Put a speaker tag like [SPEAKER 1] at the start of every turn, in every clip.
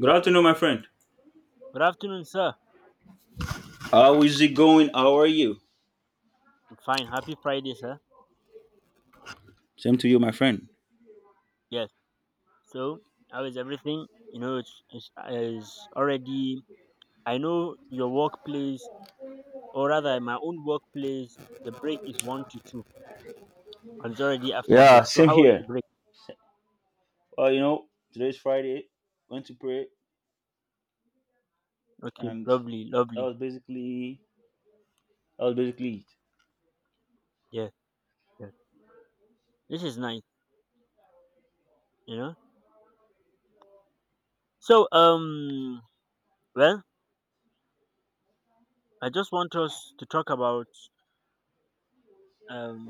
[SPEAKER 1] Good afternoon, my friend.
[SPEAKER 2] Good afternoon, sir.
[SPEAKER 1] How is it going? How are you?
[SPEAKER 2] I'm fine. Happy Friday, sir.
[SPEAKER 1] Same to you, my friend.
[SPEAKER 2] Yes. So, how is everything? It's already. I know your workplace, or rather, my own workplace. The break is one to two, and it's already after
[SPEAKER 1] Yeah,
[SPEAKER 2] break. So,
[SPEAKER 1] same
[SPEAKER 2] how was the
[SPEAKER 1] here.
[SPEAKER 2] break?
[SPEAKER 1] Well, you know, today's Friday. Went to pray,
[SPEAKER 2] Okay,
[SPEAKER 1] and
[SPEAKER 2] lovely,
[SPEAKER 1] that
[SPEAKER 2] lovely.
[SPEAKER 1] was basically that was basically it.
[SPEAKER 2] Yes, yes. This is nice. You know. So, well, I just want us to talk about um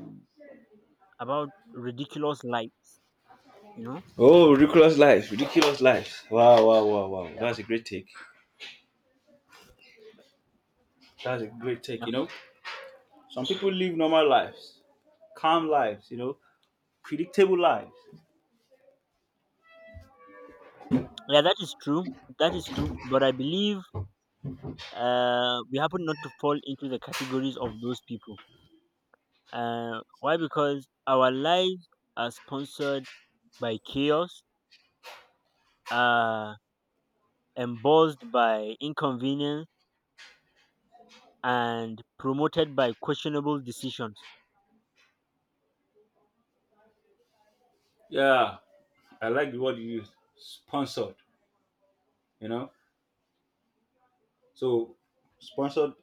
[SPEAKER 2] about ridiculous lights. You know.
[SPEAKER 1] Oh, ridiculous life! Ridiculous life! Wow, wow, wow, wow!
[SPEAKER 2] Yeah.
[SPEAKER 1] That's a great take. That's a great take.
[SPEAKER 2] Yeah.
[SPEAKER 1] You know, some people live normal lives, calm lives. You know, predictable lives.
[SPEAKER 2] Yeah. That is true. That is true. But I believe we happen not to fall into the categories of those people. Why? Because our lives are sponsored by chaos, uh, embossed by inconvenience, and promoted by questionable decisions.
[SPEAKER 1] Yeah, I like the word you used. Sponsored. You know, so sponsored.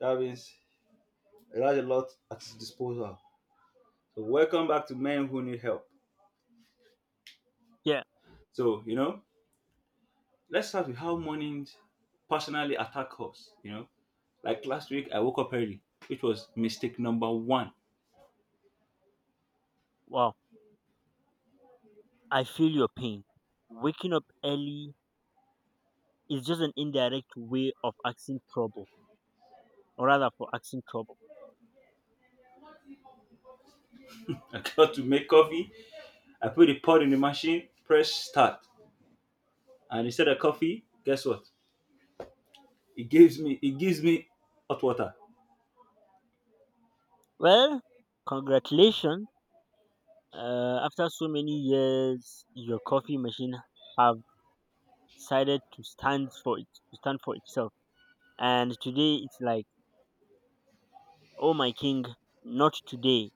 [SPEAKER 1] That means it has a lot at its disposal. So welcome back to Men Who Need Help.
[SPEAKER 2] Yeah,
[SPEAKER 1] So, you know, let's start with how mornings personally attack us, you know. Like last week, I woke up early, which was mistake number one.
[SPEAKER 2] wow, I feel your pain. Waking up early is just an indirect way of asking trouble, or rather, for asking trouble.
[SPEAKER 1] I got to make coffee. I put the pot in the machine, press start, and instead of coffee, guess what? It gives me hot water.
[SPEAKER 2] Well, congratulations. After so many years, your coffee machine have decided to stand for it, to stand for itself. And today it's like, oh my king, not today.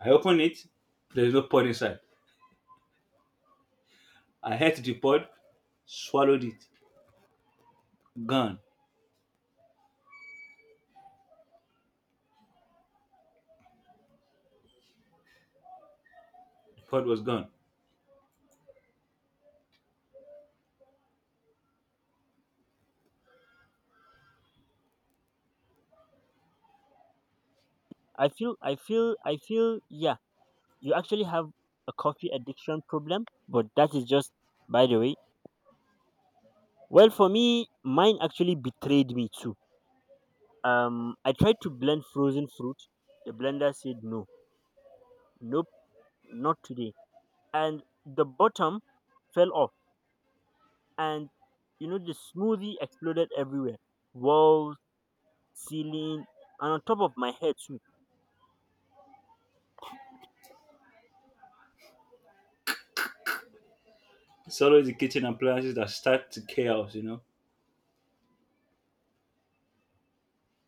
[SPEAKER 1] I open it, there's no pod inside. I hit the pod, swallowed it, gone. The pod was gone.
[SPEAKER 2] I feel. Yeah, you actually have a coffee addiction problem, but that is just by the way. Well, for me, mine actually betrayed me too. I tried to blend frozen fruit. The blender said no, nope, not today. And the bottom fell off, and you know the smoothie exploded everywhere. Walls, ceiling, and on top of my head too.
[SPEAKER 1] It's always the kitchen appliances that start the chaos, you know.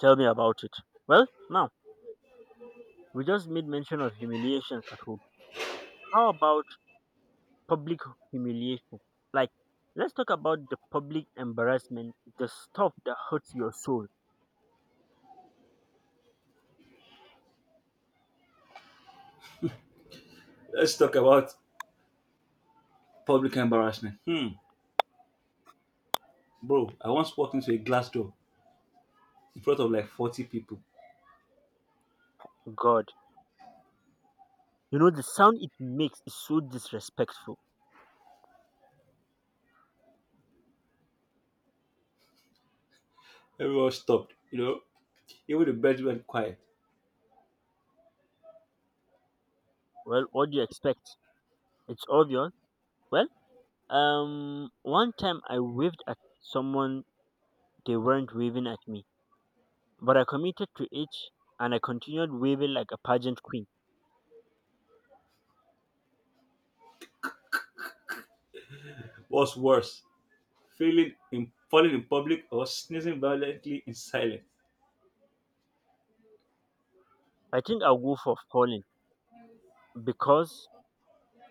[SPEAKER 2] Tell me about it. Well, now, we just made mention of humiliations at home. How about public humiliation? Like, let's talk about the public embarrassment, the stuff that hurts your soul.
[SPEAKER 1] Let's talk about public embarrassment. Hmm, bro, I once walked into a glass door in front of like 40 people.
[SPEAKER 2] God, the sound it makes is so disrespectful.
[SPEAKER 1] Everyone stopped, you know. Even the bed went quiet.
[SPEAKER 2] Well, what do you expect? It's obvious. Well, one time I waved at someone, they weren't waving at me, but I committed to it and I continued waving like a pageant queen.
[SPEAKER 1] What's worse, falling in public or sneezing violently in silence?
[SPEAKER 2] I think I'll go for falling because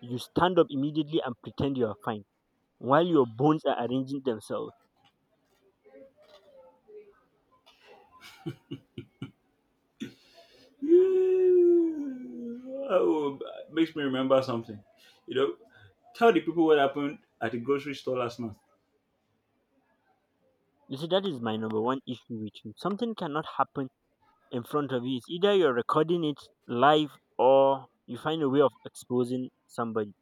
[SPEAKER 2] you stand up immediately and pretend you are fine while your bones are arranging themselves.
[SPEAKER 1] Oh, makes me remember something. You know, tell the people what happened at the grocery store last month
[SPEAKER 2] You see, that is my number one issue with you. Something cannot happen in front of you. It's either you're recording it live or you find a way of exposing somebody.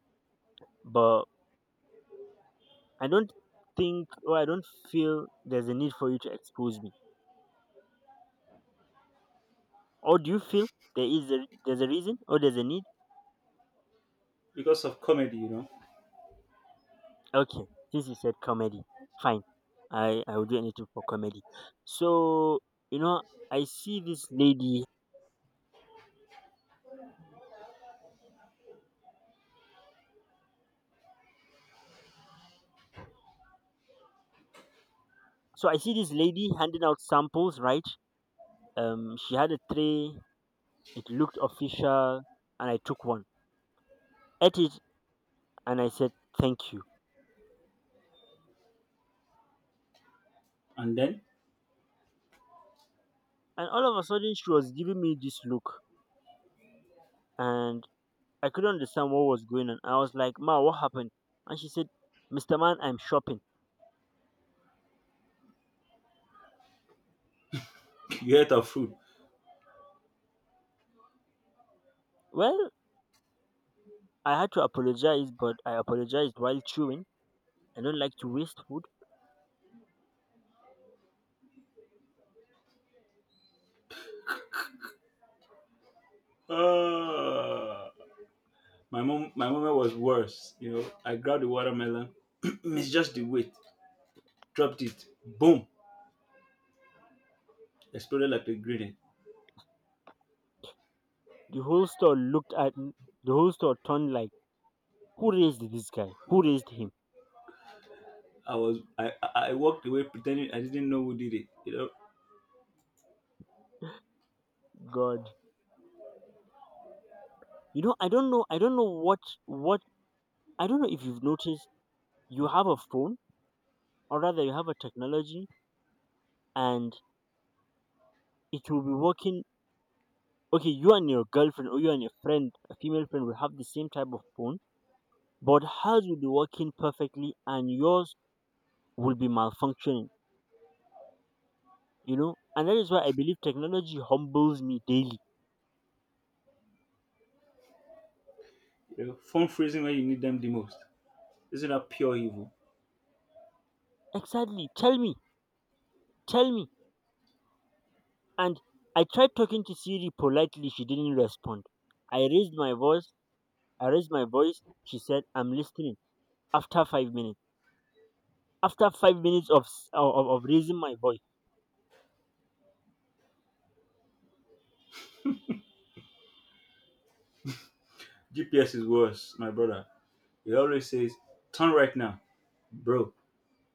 [SPEAKER 2] But I don't think or I don't feel there's a need for you to expose me. Or do you feel there's a reason or there's a need?
[SPEAKER 1] because of comedy, you know.
[SPEAKER 2] Okay, since you said comedy, fine. I will do anything for comedy. So you know, I see this lady. So I see this lady handing out samples, right? She had a tray. It looked official, and I took one, ate it, and I said thank you.
[SPEAKER 1] And then
[SPEAKER 2] And all of a sudden, she was giving me this look, and I couldn't understand what was going on. I was like, "Ma, what happened?" And she said, "Mr. Man, I'm shopping."
[SPEAKER 1] you ate our food.
[SPEAKER 2] Well, I had to apologize, but I apologized while chewing. I don't like to waste food.
[SPEAKER 1] Uh, my moment was worse. You know, I grabbed the watermelon, it's just the weight, dropped it, boom, exploded like a grenade.
[SPEAKER 2] The whole store looked at m- the whole store turned like, who raised this guy? Who raised him?
[SPEAKER 1] I walked away pretending I didn't know who did it.
[SPEAKER 2] God. You know, I don't know I don't know what I don't know if you've noticed you have a phone or rather you have a technology and it will be working okay, you and your girlfriend or you and your friend, a female friend will have the same type of phone, but hers will be working perfectly and yours will be malfunctioning, you know? And that is why I believe technology humbles me daily.
[SPEAKER 1] Phone freezing when you need them the most. Isn't that pure evil?
[SPEAKER 2] Exactly. Tell me. Tell me. And I tried talking to Siri politely. She didn't respond. I raised my voice. I raised my voice. She said, "I'm listening." After five minutes, after five minutes of raising my voice,
[SPEAKER 1] GPS is worse, my brother. It always says, turn right now, bro.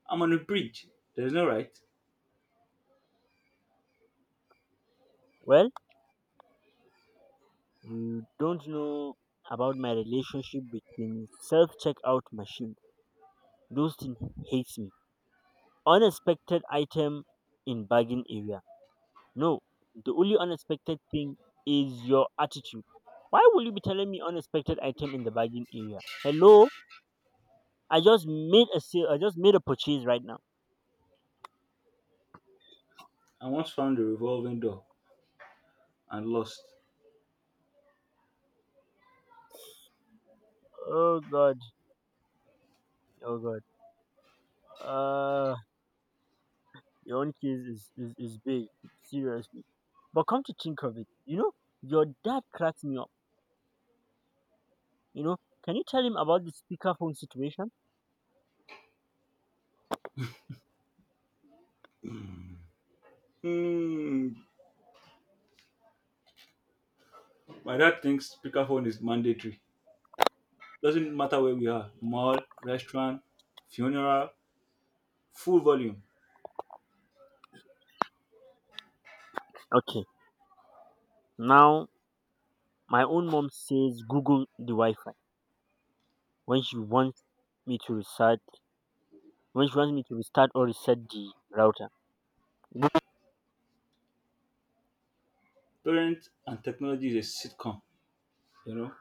[SPEAKER 1] I'm on a bridge. There's no right.
[SPEAKER 2] well, you don't know about my relationship between self checkout machine. Those things hates me. Unexpected item in bargain area. No, the only unexpected thing is your attitude. Why will you be telling me unexpected item in the bargain area? Hello. I just made a sale. I just made a purchase right now.
[SPEAKER 1] I once found a revolving door and lost.
[SPEAKER 2] Oh god. Oh god. Uh, your own case is big. Seriously. But come to think of it, your dad cracked me up. You know, can you tell him about the speakerphone situation?
[SPEAKER 1] Hmm. My dad thinks speakerphone is mandatory. Doesn't matter where we are: mall, restaurant, funeral, full volume.
[SPEAKER 2] Okay. Now my own mom says Google the Wi-Fi when she wants me to restart when she wants me to restart or reset the router.
[SPEAKER 1] Parents and technology is a sitcom. You know,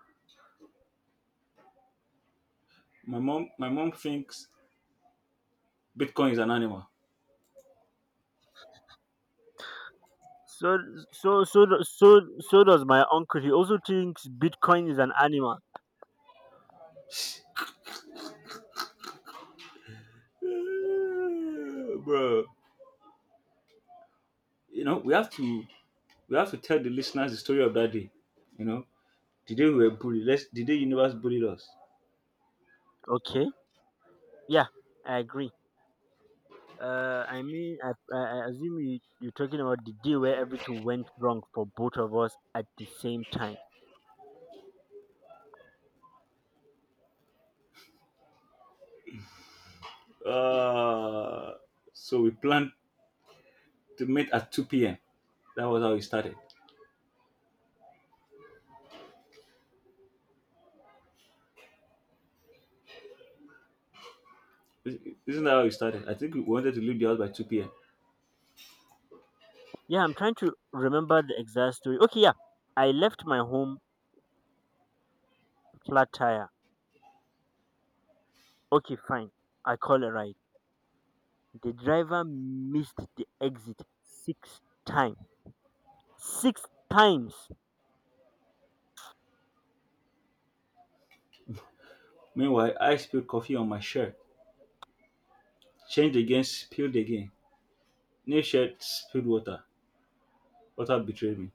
[SPEAKER 1] my mom thinks Bitcoin is an animal.
[SPEAKER 2] So so does my uncle. He also thinks Bitcoin is an animal.
[SPEAKER 1] Eh, bro. You know, we have to tell the listeners the story of that day. You know, the day we were bullied. Let's the day universe bullied us.
[SPEAKER 2] Okay. Yeah, I agree. I mean, I assume you're talking about the day where everything went wrong for both of us at the same time.
[SPEAKER 1] Uh, so we planned to meet at 2 p.m. That was how it started. Isn't that how it started? I think we wanted to leave the house by 2 p.m.
[SPEAKER 2] Yeah, I'm trying to remember the exact story. Okay, yeah, I left my home flat tire. Okay, fine. I call a ride. The driver missed the exit six times. Six times.
[SPEAKER 1] Meanwhile, I spilled coffee on my shirt, changed again, spilled again. New shirt, spilled water. Water betrayed me.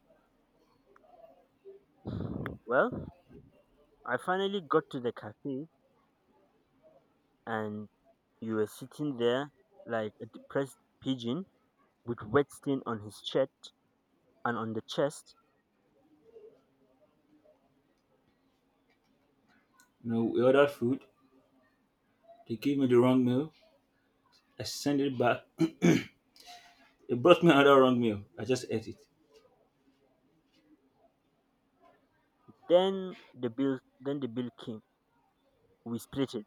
[SPEAKER 2] Well, I finally got to the cafe and you were sitting there like a depressed pigeon with wet stain on his shirt and on the chest.
[SPEAKER 1] You know, we ordered food. They gave me the wrong meal. I sent it back. They brought me another wrong meal. I just ate it.
[SPEAKER 2] Then the bill came. We split it.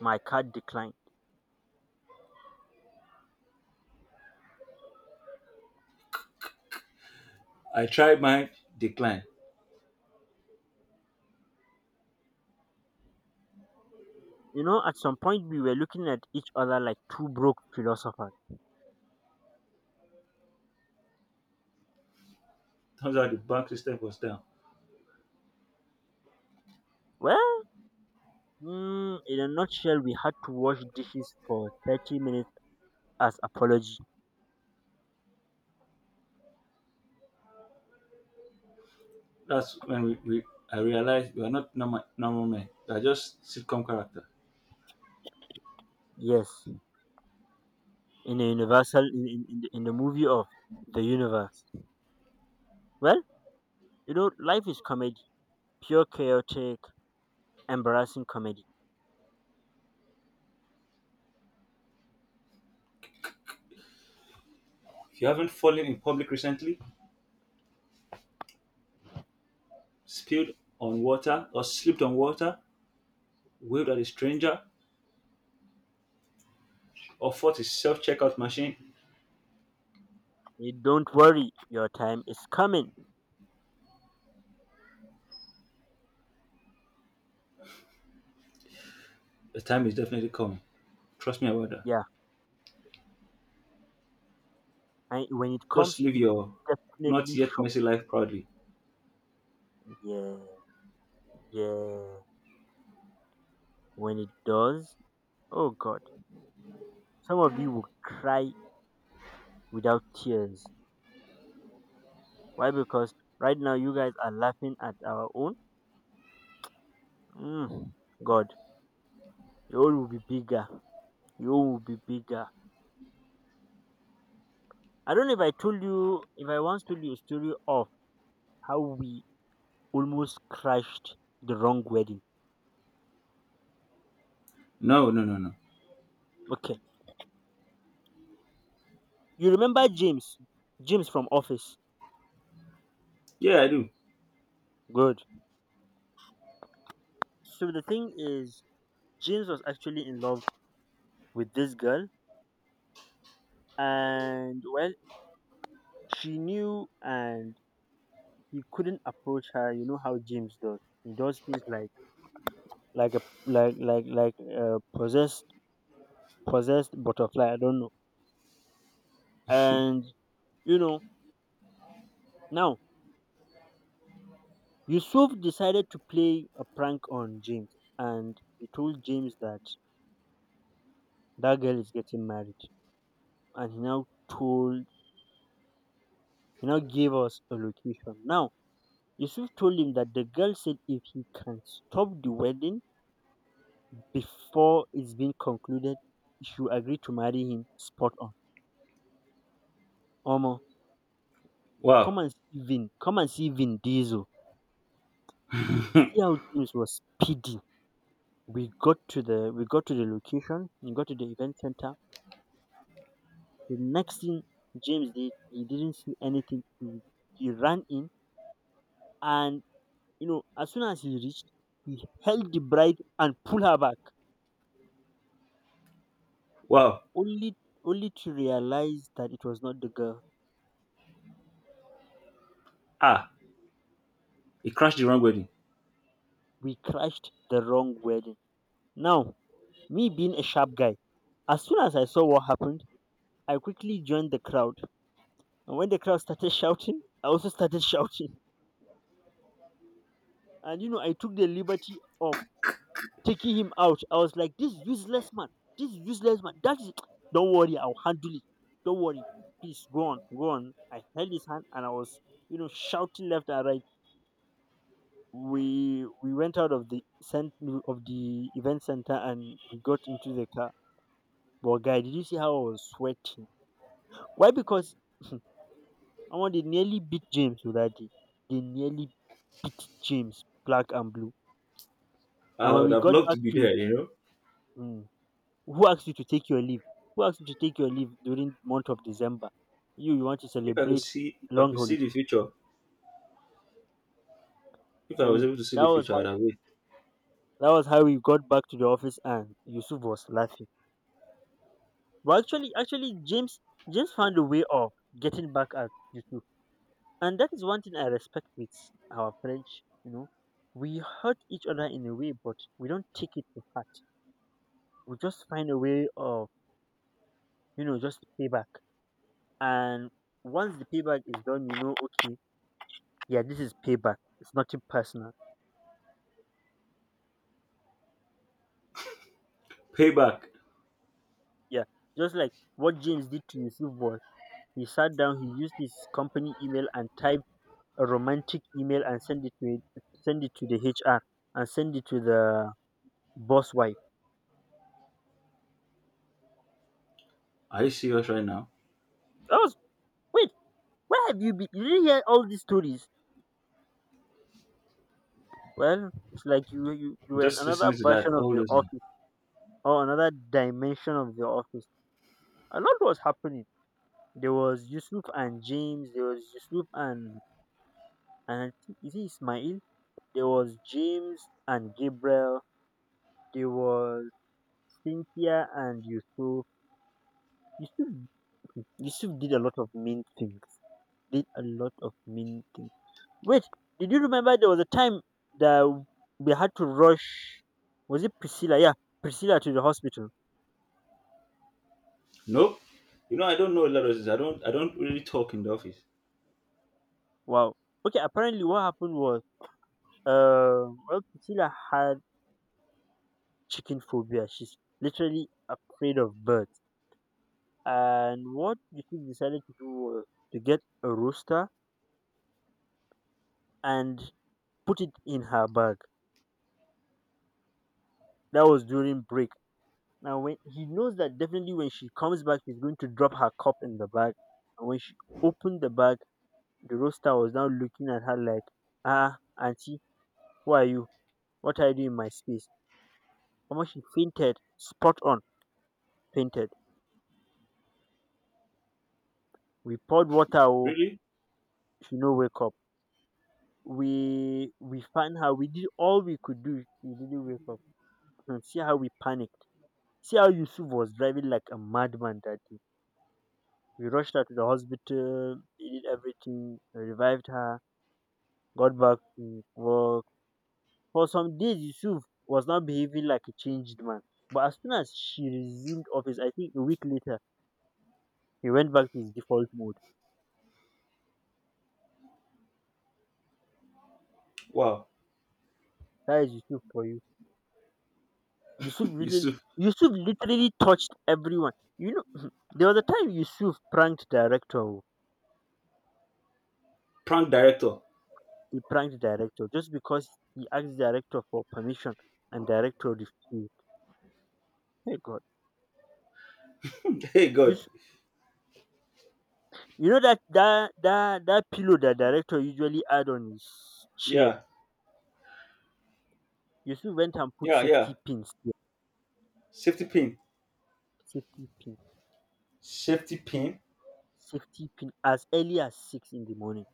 [SPEAKER 2] My card declined.
[SPEAKER 1] I tried mine, declined.
[SPEAKER 2] At some point we were looking at each other like two broke philosophers.
[SPEAKER 1] Turns out the bank system was down.
[SPEAKER 2] Well, in a nutshell, we had to wash dishes for 30 minutes as apology.
[SPEAKER 1] That's when we I realized we are not normal, normal men. We are just sitcom character.
[SPEAKER 2] Yes, in a universal in the movie of the universe. Well, life is comedy, pure chaotic, embarrassing comedy.
[SPEAKER 1] If you haven't fallen in public recently, spilled on water or slipped on water, waved at a stranger, or fought a self-checkout machine,
[SPEAKER 2] Don't worry, your time is coming.
[SPEAKER 1] the time is definitely coming. Trust me about that.
[SPEAKER 2] Yeah. And when it comes,
[SPEAKER 1] Just live
[SPEAKER 2] it will
[SPEAKER 1] your not
[SPEAKER 2] definitely
[SPEAKER 1] yet
[SPEAKER 2] shock
[SPEAKER 1] messy life proudly.
[SPEAKER 2] you. Yeah, yeah. When it does, oh God, some of you will cry without tears. Why? Because right now you guys are laughing at our own. Mm, God, your own will be bigger. Your own will be bigger. I don't know if I told you, if I once told you a story of how we almost crashed the wrong wedding.
[SPEAKER 1] No, no, no, no.
[SPEAKER 2] Okay, you remember James? James from Office.
[SPEAKER 1] Yeah, I do.
[SPEAKER 2] Good. So the thing is, James was actually in love with this girl, and well, she knew, and he couldn't approach her. You know how James does; he does things like a possessed butterfly. I don't know. And you know now Yusuf decided to play a prank on James, and he told James that that girl is getting married, and told he now gave us a location now Yusuf told him that the girl said if he can stop the wedding before it's been concluded, he should agree to marry him spot on. Omo, come
[SPEAKER 1] Wow,
[SPEAKER 2] and see Vin. Come and see Vin Diesel. See how James was speedy. We got to the location. We got to the event center. The next thing James did, he didn't see anything. He ran in, and as soon as he reached, he held the bride and pulled her back.
[SPEAKER 1] wow.
[SPEAKER 2] Only only to realize that it was not the girl.
[SPEAKER 1] Ah, it crashed the wrong wedding.
[SPEAKER 2] We crashed the wrong wedding. Now, me being a sharp guy, as soon as I saw what happened, I quickly joined the crowd. And when the crowd started shouting, I also started shouting. And I took the liberty of taking him out. I was like, this useless man, that is, don't worry, I'll handle it. Don't worry, please go on, go on. I held his hand and I was, shouting left and right. We went out of the center of the event center and we got into the car. But guy, did you see how I was sweating? Why? Because omo they nearly beat James oh that day. They nearly beat James black and blue. And
[SPEAKER 1] I
[SPEAKER 2] when
[SPEAKER 1] would
[SPEAKER 2] we
[SPEAKER 1] have
[SPEAKER 2] got
[SPEAKER 1] loved
[SPEAKER 2] back
[SPEAKER 1] to be
[SPEAKER 2] to
[SPEAKER 1] there.
[SPEAKER 2] mm, Who asked you to take your leave? Who asked you to take your leave during month of December? You want to
[SPEAKER 1] If I could
[SPEAKER 2] celebrate
[SPEAKER 1] see, if I
[SPEAKER 2] long
[SPEAKER 1] could
[SPEAKER 2] holiday.
[SPEAKER 1] see the future. If I
[SPEAKER 2] Tell
[SPEAKER 1] was
[SPEAKER 2] you
[SPEAKER 1] able to see
[SPEAKER 2] that
[SPEAKER 1] the
[SPEAKER 2] was
[SPEAKER 1] future,
[SPEAKER 2] how
[SPEAKER 1] I'd have waited.
[SPEAKER 2] that was how we got back to the office and Yusuf was laughing. But actually James found a way of getting back at Yusuf. And that is one thing I respect with our French. We hurt each other in a way, but we don't take it to heart. We just find a way of, just payback. And once the payback is done, okay, yeah, this is payback. It's nothing personal.
[SPEAKER 1] Payback.
[SPEAKER 2] Yeah. Just like what James did to Yusuf was he sat down, he used his company email and typed a romantic email and send it to the HR and send it to the boss wife.
[SPEAKER 1] Are you serious right now?
[SPEAKER 2] That was wait. Where have you been? You didn't hear all these stories. Well, it's like you were in
[SPEAKER 1] Just
[SPEAKER 2] another
[SPEAKER 1] listening to that
[SPEAKER 2] version of
[SPEAKER 1] all
[SPEAKER 2] the
[SPEAKER 1] this now.
[SPEAKER 2] office or another dimension of the office. A lot was happening. There was Yusuf and James. There was Yusuf and I think- is it Ismail? There was James and Gabriel. There was Cynthia and Yusuf. Yusuf Yusuf did a lot of mean things. Did a lot of mean things. Wait, did you remember there was a time that we had to rush? Was it Priscilla? Yeah, Priscilla to the hospital.
[SPEAKER 1] Nope. You know, I don't know a lot of this. I don't. I don't really talk in the office.
[SPEAKER 2] Wow. Okay, apparently what happened was, well, Priscilla had chicken phobia. She's literally afraid of birds. And what you two decided to do was to get a rooster and put it in her bag. That was during break. Now, when he knows that definitely when she comes back, he's going to drop her cup in the bag. And when she opened the bag, the rooster was now looking at her like, ah, auntie, who are you? What are you doing in my space? Omo, she fainted, spot on, fainted. We poured water, oh,
[SPEAKER 1] Really?
[SPEAKER 2] she no wake up. We found her. We did all we could do. She didn't wake up. And see how we panicked. See how Yusuf was driving like a madman that day. We rushed her to the hospital, they did everything, revived her, got back to work. For some days, Yusuf was now behaving like a changed man, but as soon as she resumed office, I think a week later, he went back to his default mode.
[SPEAKER 1] Wow.
[SPEAKER 2] That is Yusuf for you. Yusuf
[SPEAKER 1] It's
[SPEAKER 2] literally,
[SPEAKER 1] a
[SPEAKER 2] Yusuf literally touched everyone. You know, there was a time Yusuf pranked director. Oh.
[SPEAKER 1] prank director.
[SPEAKER 2] He pranked director just because he asked director for permission and director refused. Hey God.
[SPEAKER 1] Hey
[SPEAKER 2] You,
[SPEAKER 1] God.
[SPEAKER 2] s- you know that that pillow that director usually add on his chair.
[SPEAKER 1] Yeah.
[SPEAKER 2] Yusuf went and put
[SPEAKER 1] Yeah. Yeah.
[SPEAKER 2] safety pins there.
[SPEAKER 1] Safety pin.
[SPEAKER 2] Safety pins
[SPEAKER 1] Safety pin.
[SPEAKER 2] safety pin as early as 6 in the morning.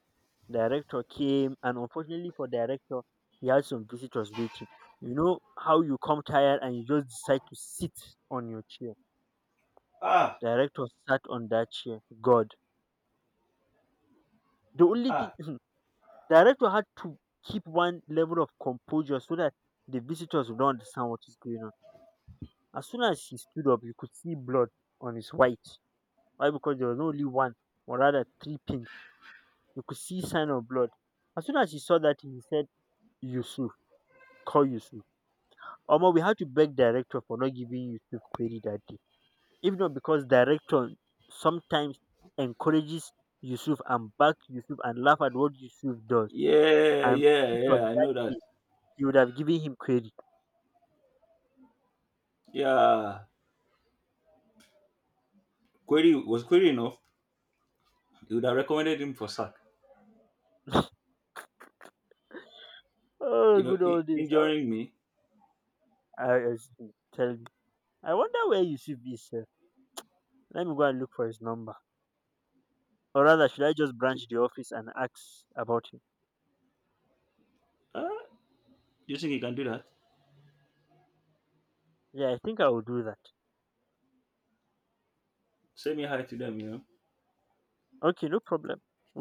[SPEAKER 2] Director came, and unfortunately for director, he had some visitors waiting. You know how you come tired and you just decide to sit on your chair.
[SPEAKER 1] Ah,
[SPEAKER 2] Director sat on that chair. God. The only thing
[SPEAKER 1] ah.
[SPEAKER 2] director had to keep one level of composure so that the visitors would not understand what is going on. As soon as he stood up, you could see blood on his white. Why? Because there was only one, or rather three pins. You could see sign of blood. As soon as he saw that, he said, Yusuf, call Yusuf. Omo, we had to beg director for not giving Yusuf query that day. If not because director sometimes encourages Yusuf and back Yusuf and laugh at what Yusuf does,
[SPEAKER 1] Yeah,
[SPEAKER 2] I'm
[SPEAKER 1] yeah,
[SPEAKER 2] pretty sure
[SPEAKER 1] yeah. I
[SPEAKER 2] that
[SPEAKER 1] know that.
[SPEAKER 2] day he would have given him query.
[SPEAKER 1] Yeah. Query was query enough. He would have recommended him for sack.
[SPEAKER 2] Oh,
[SPEAKER 1] You know,
[SPEAKER 2] good old days.
[SPEAKER 1] injuring me.
[SPEAKER 2] I tell me. I wonder where Yusuf is. Sef. Let me go and look for his number. Or rather, should I just branch the office and ask about him?
[SPEAKER 1] Ah, do you think he can do that?
[SPEAKER 2] Yeah, I think I will do that.
[SPEAKER 1] Say me hi to them.
[SPEAKER 2] Okay, no problem.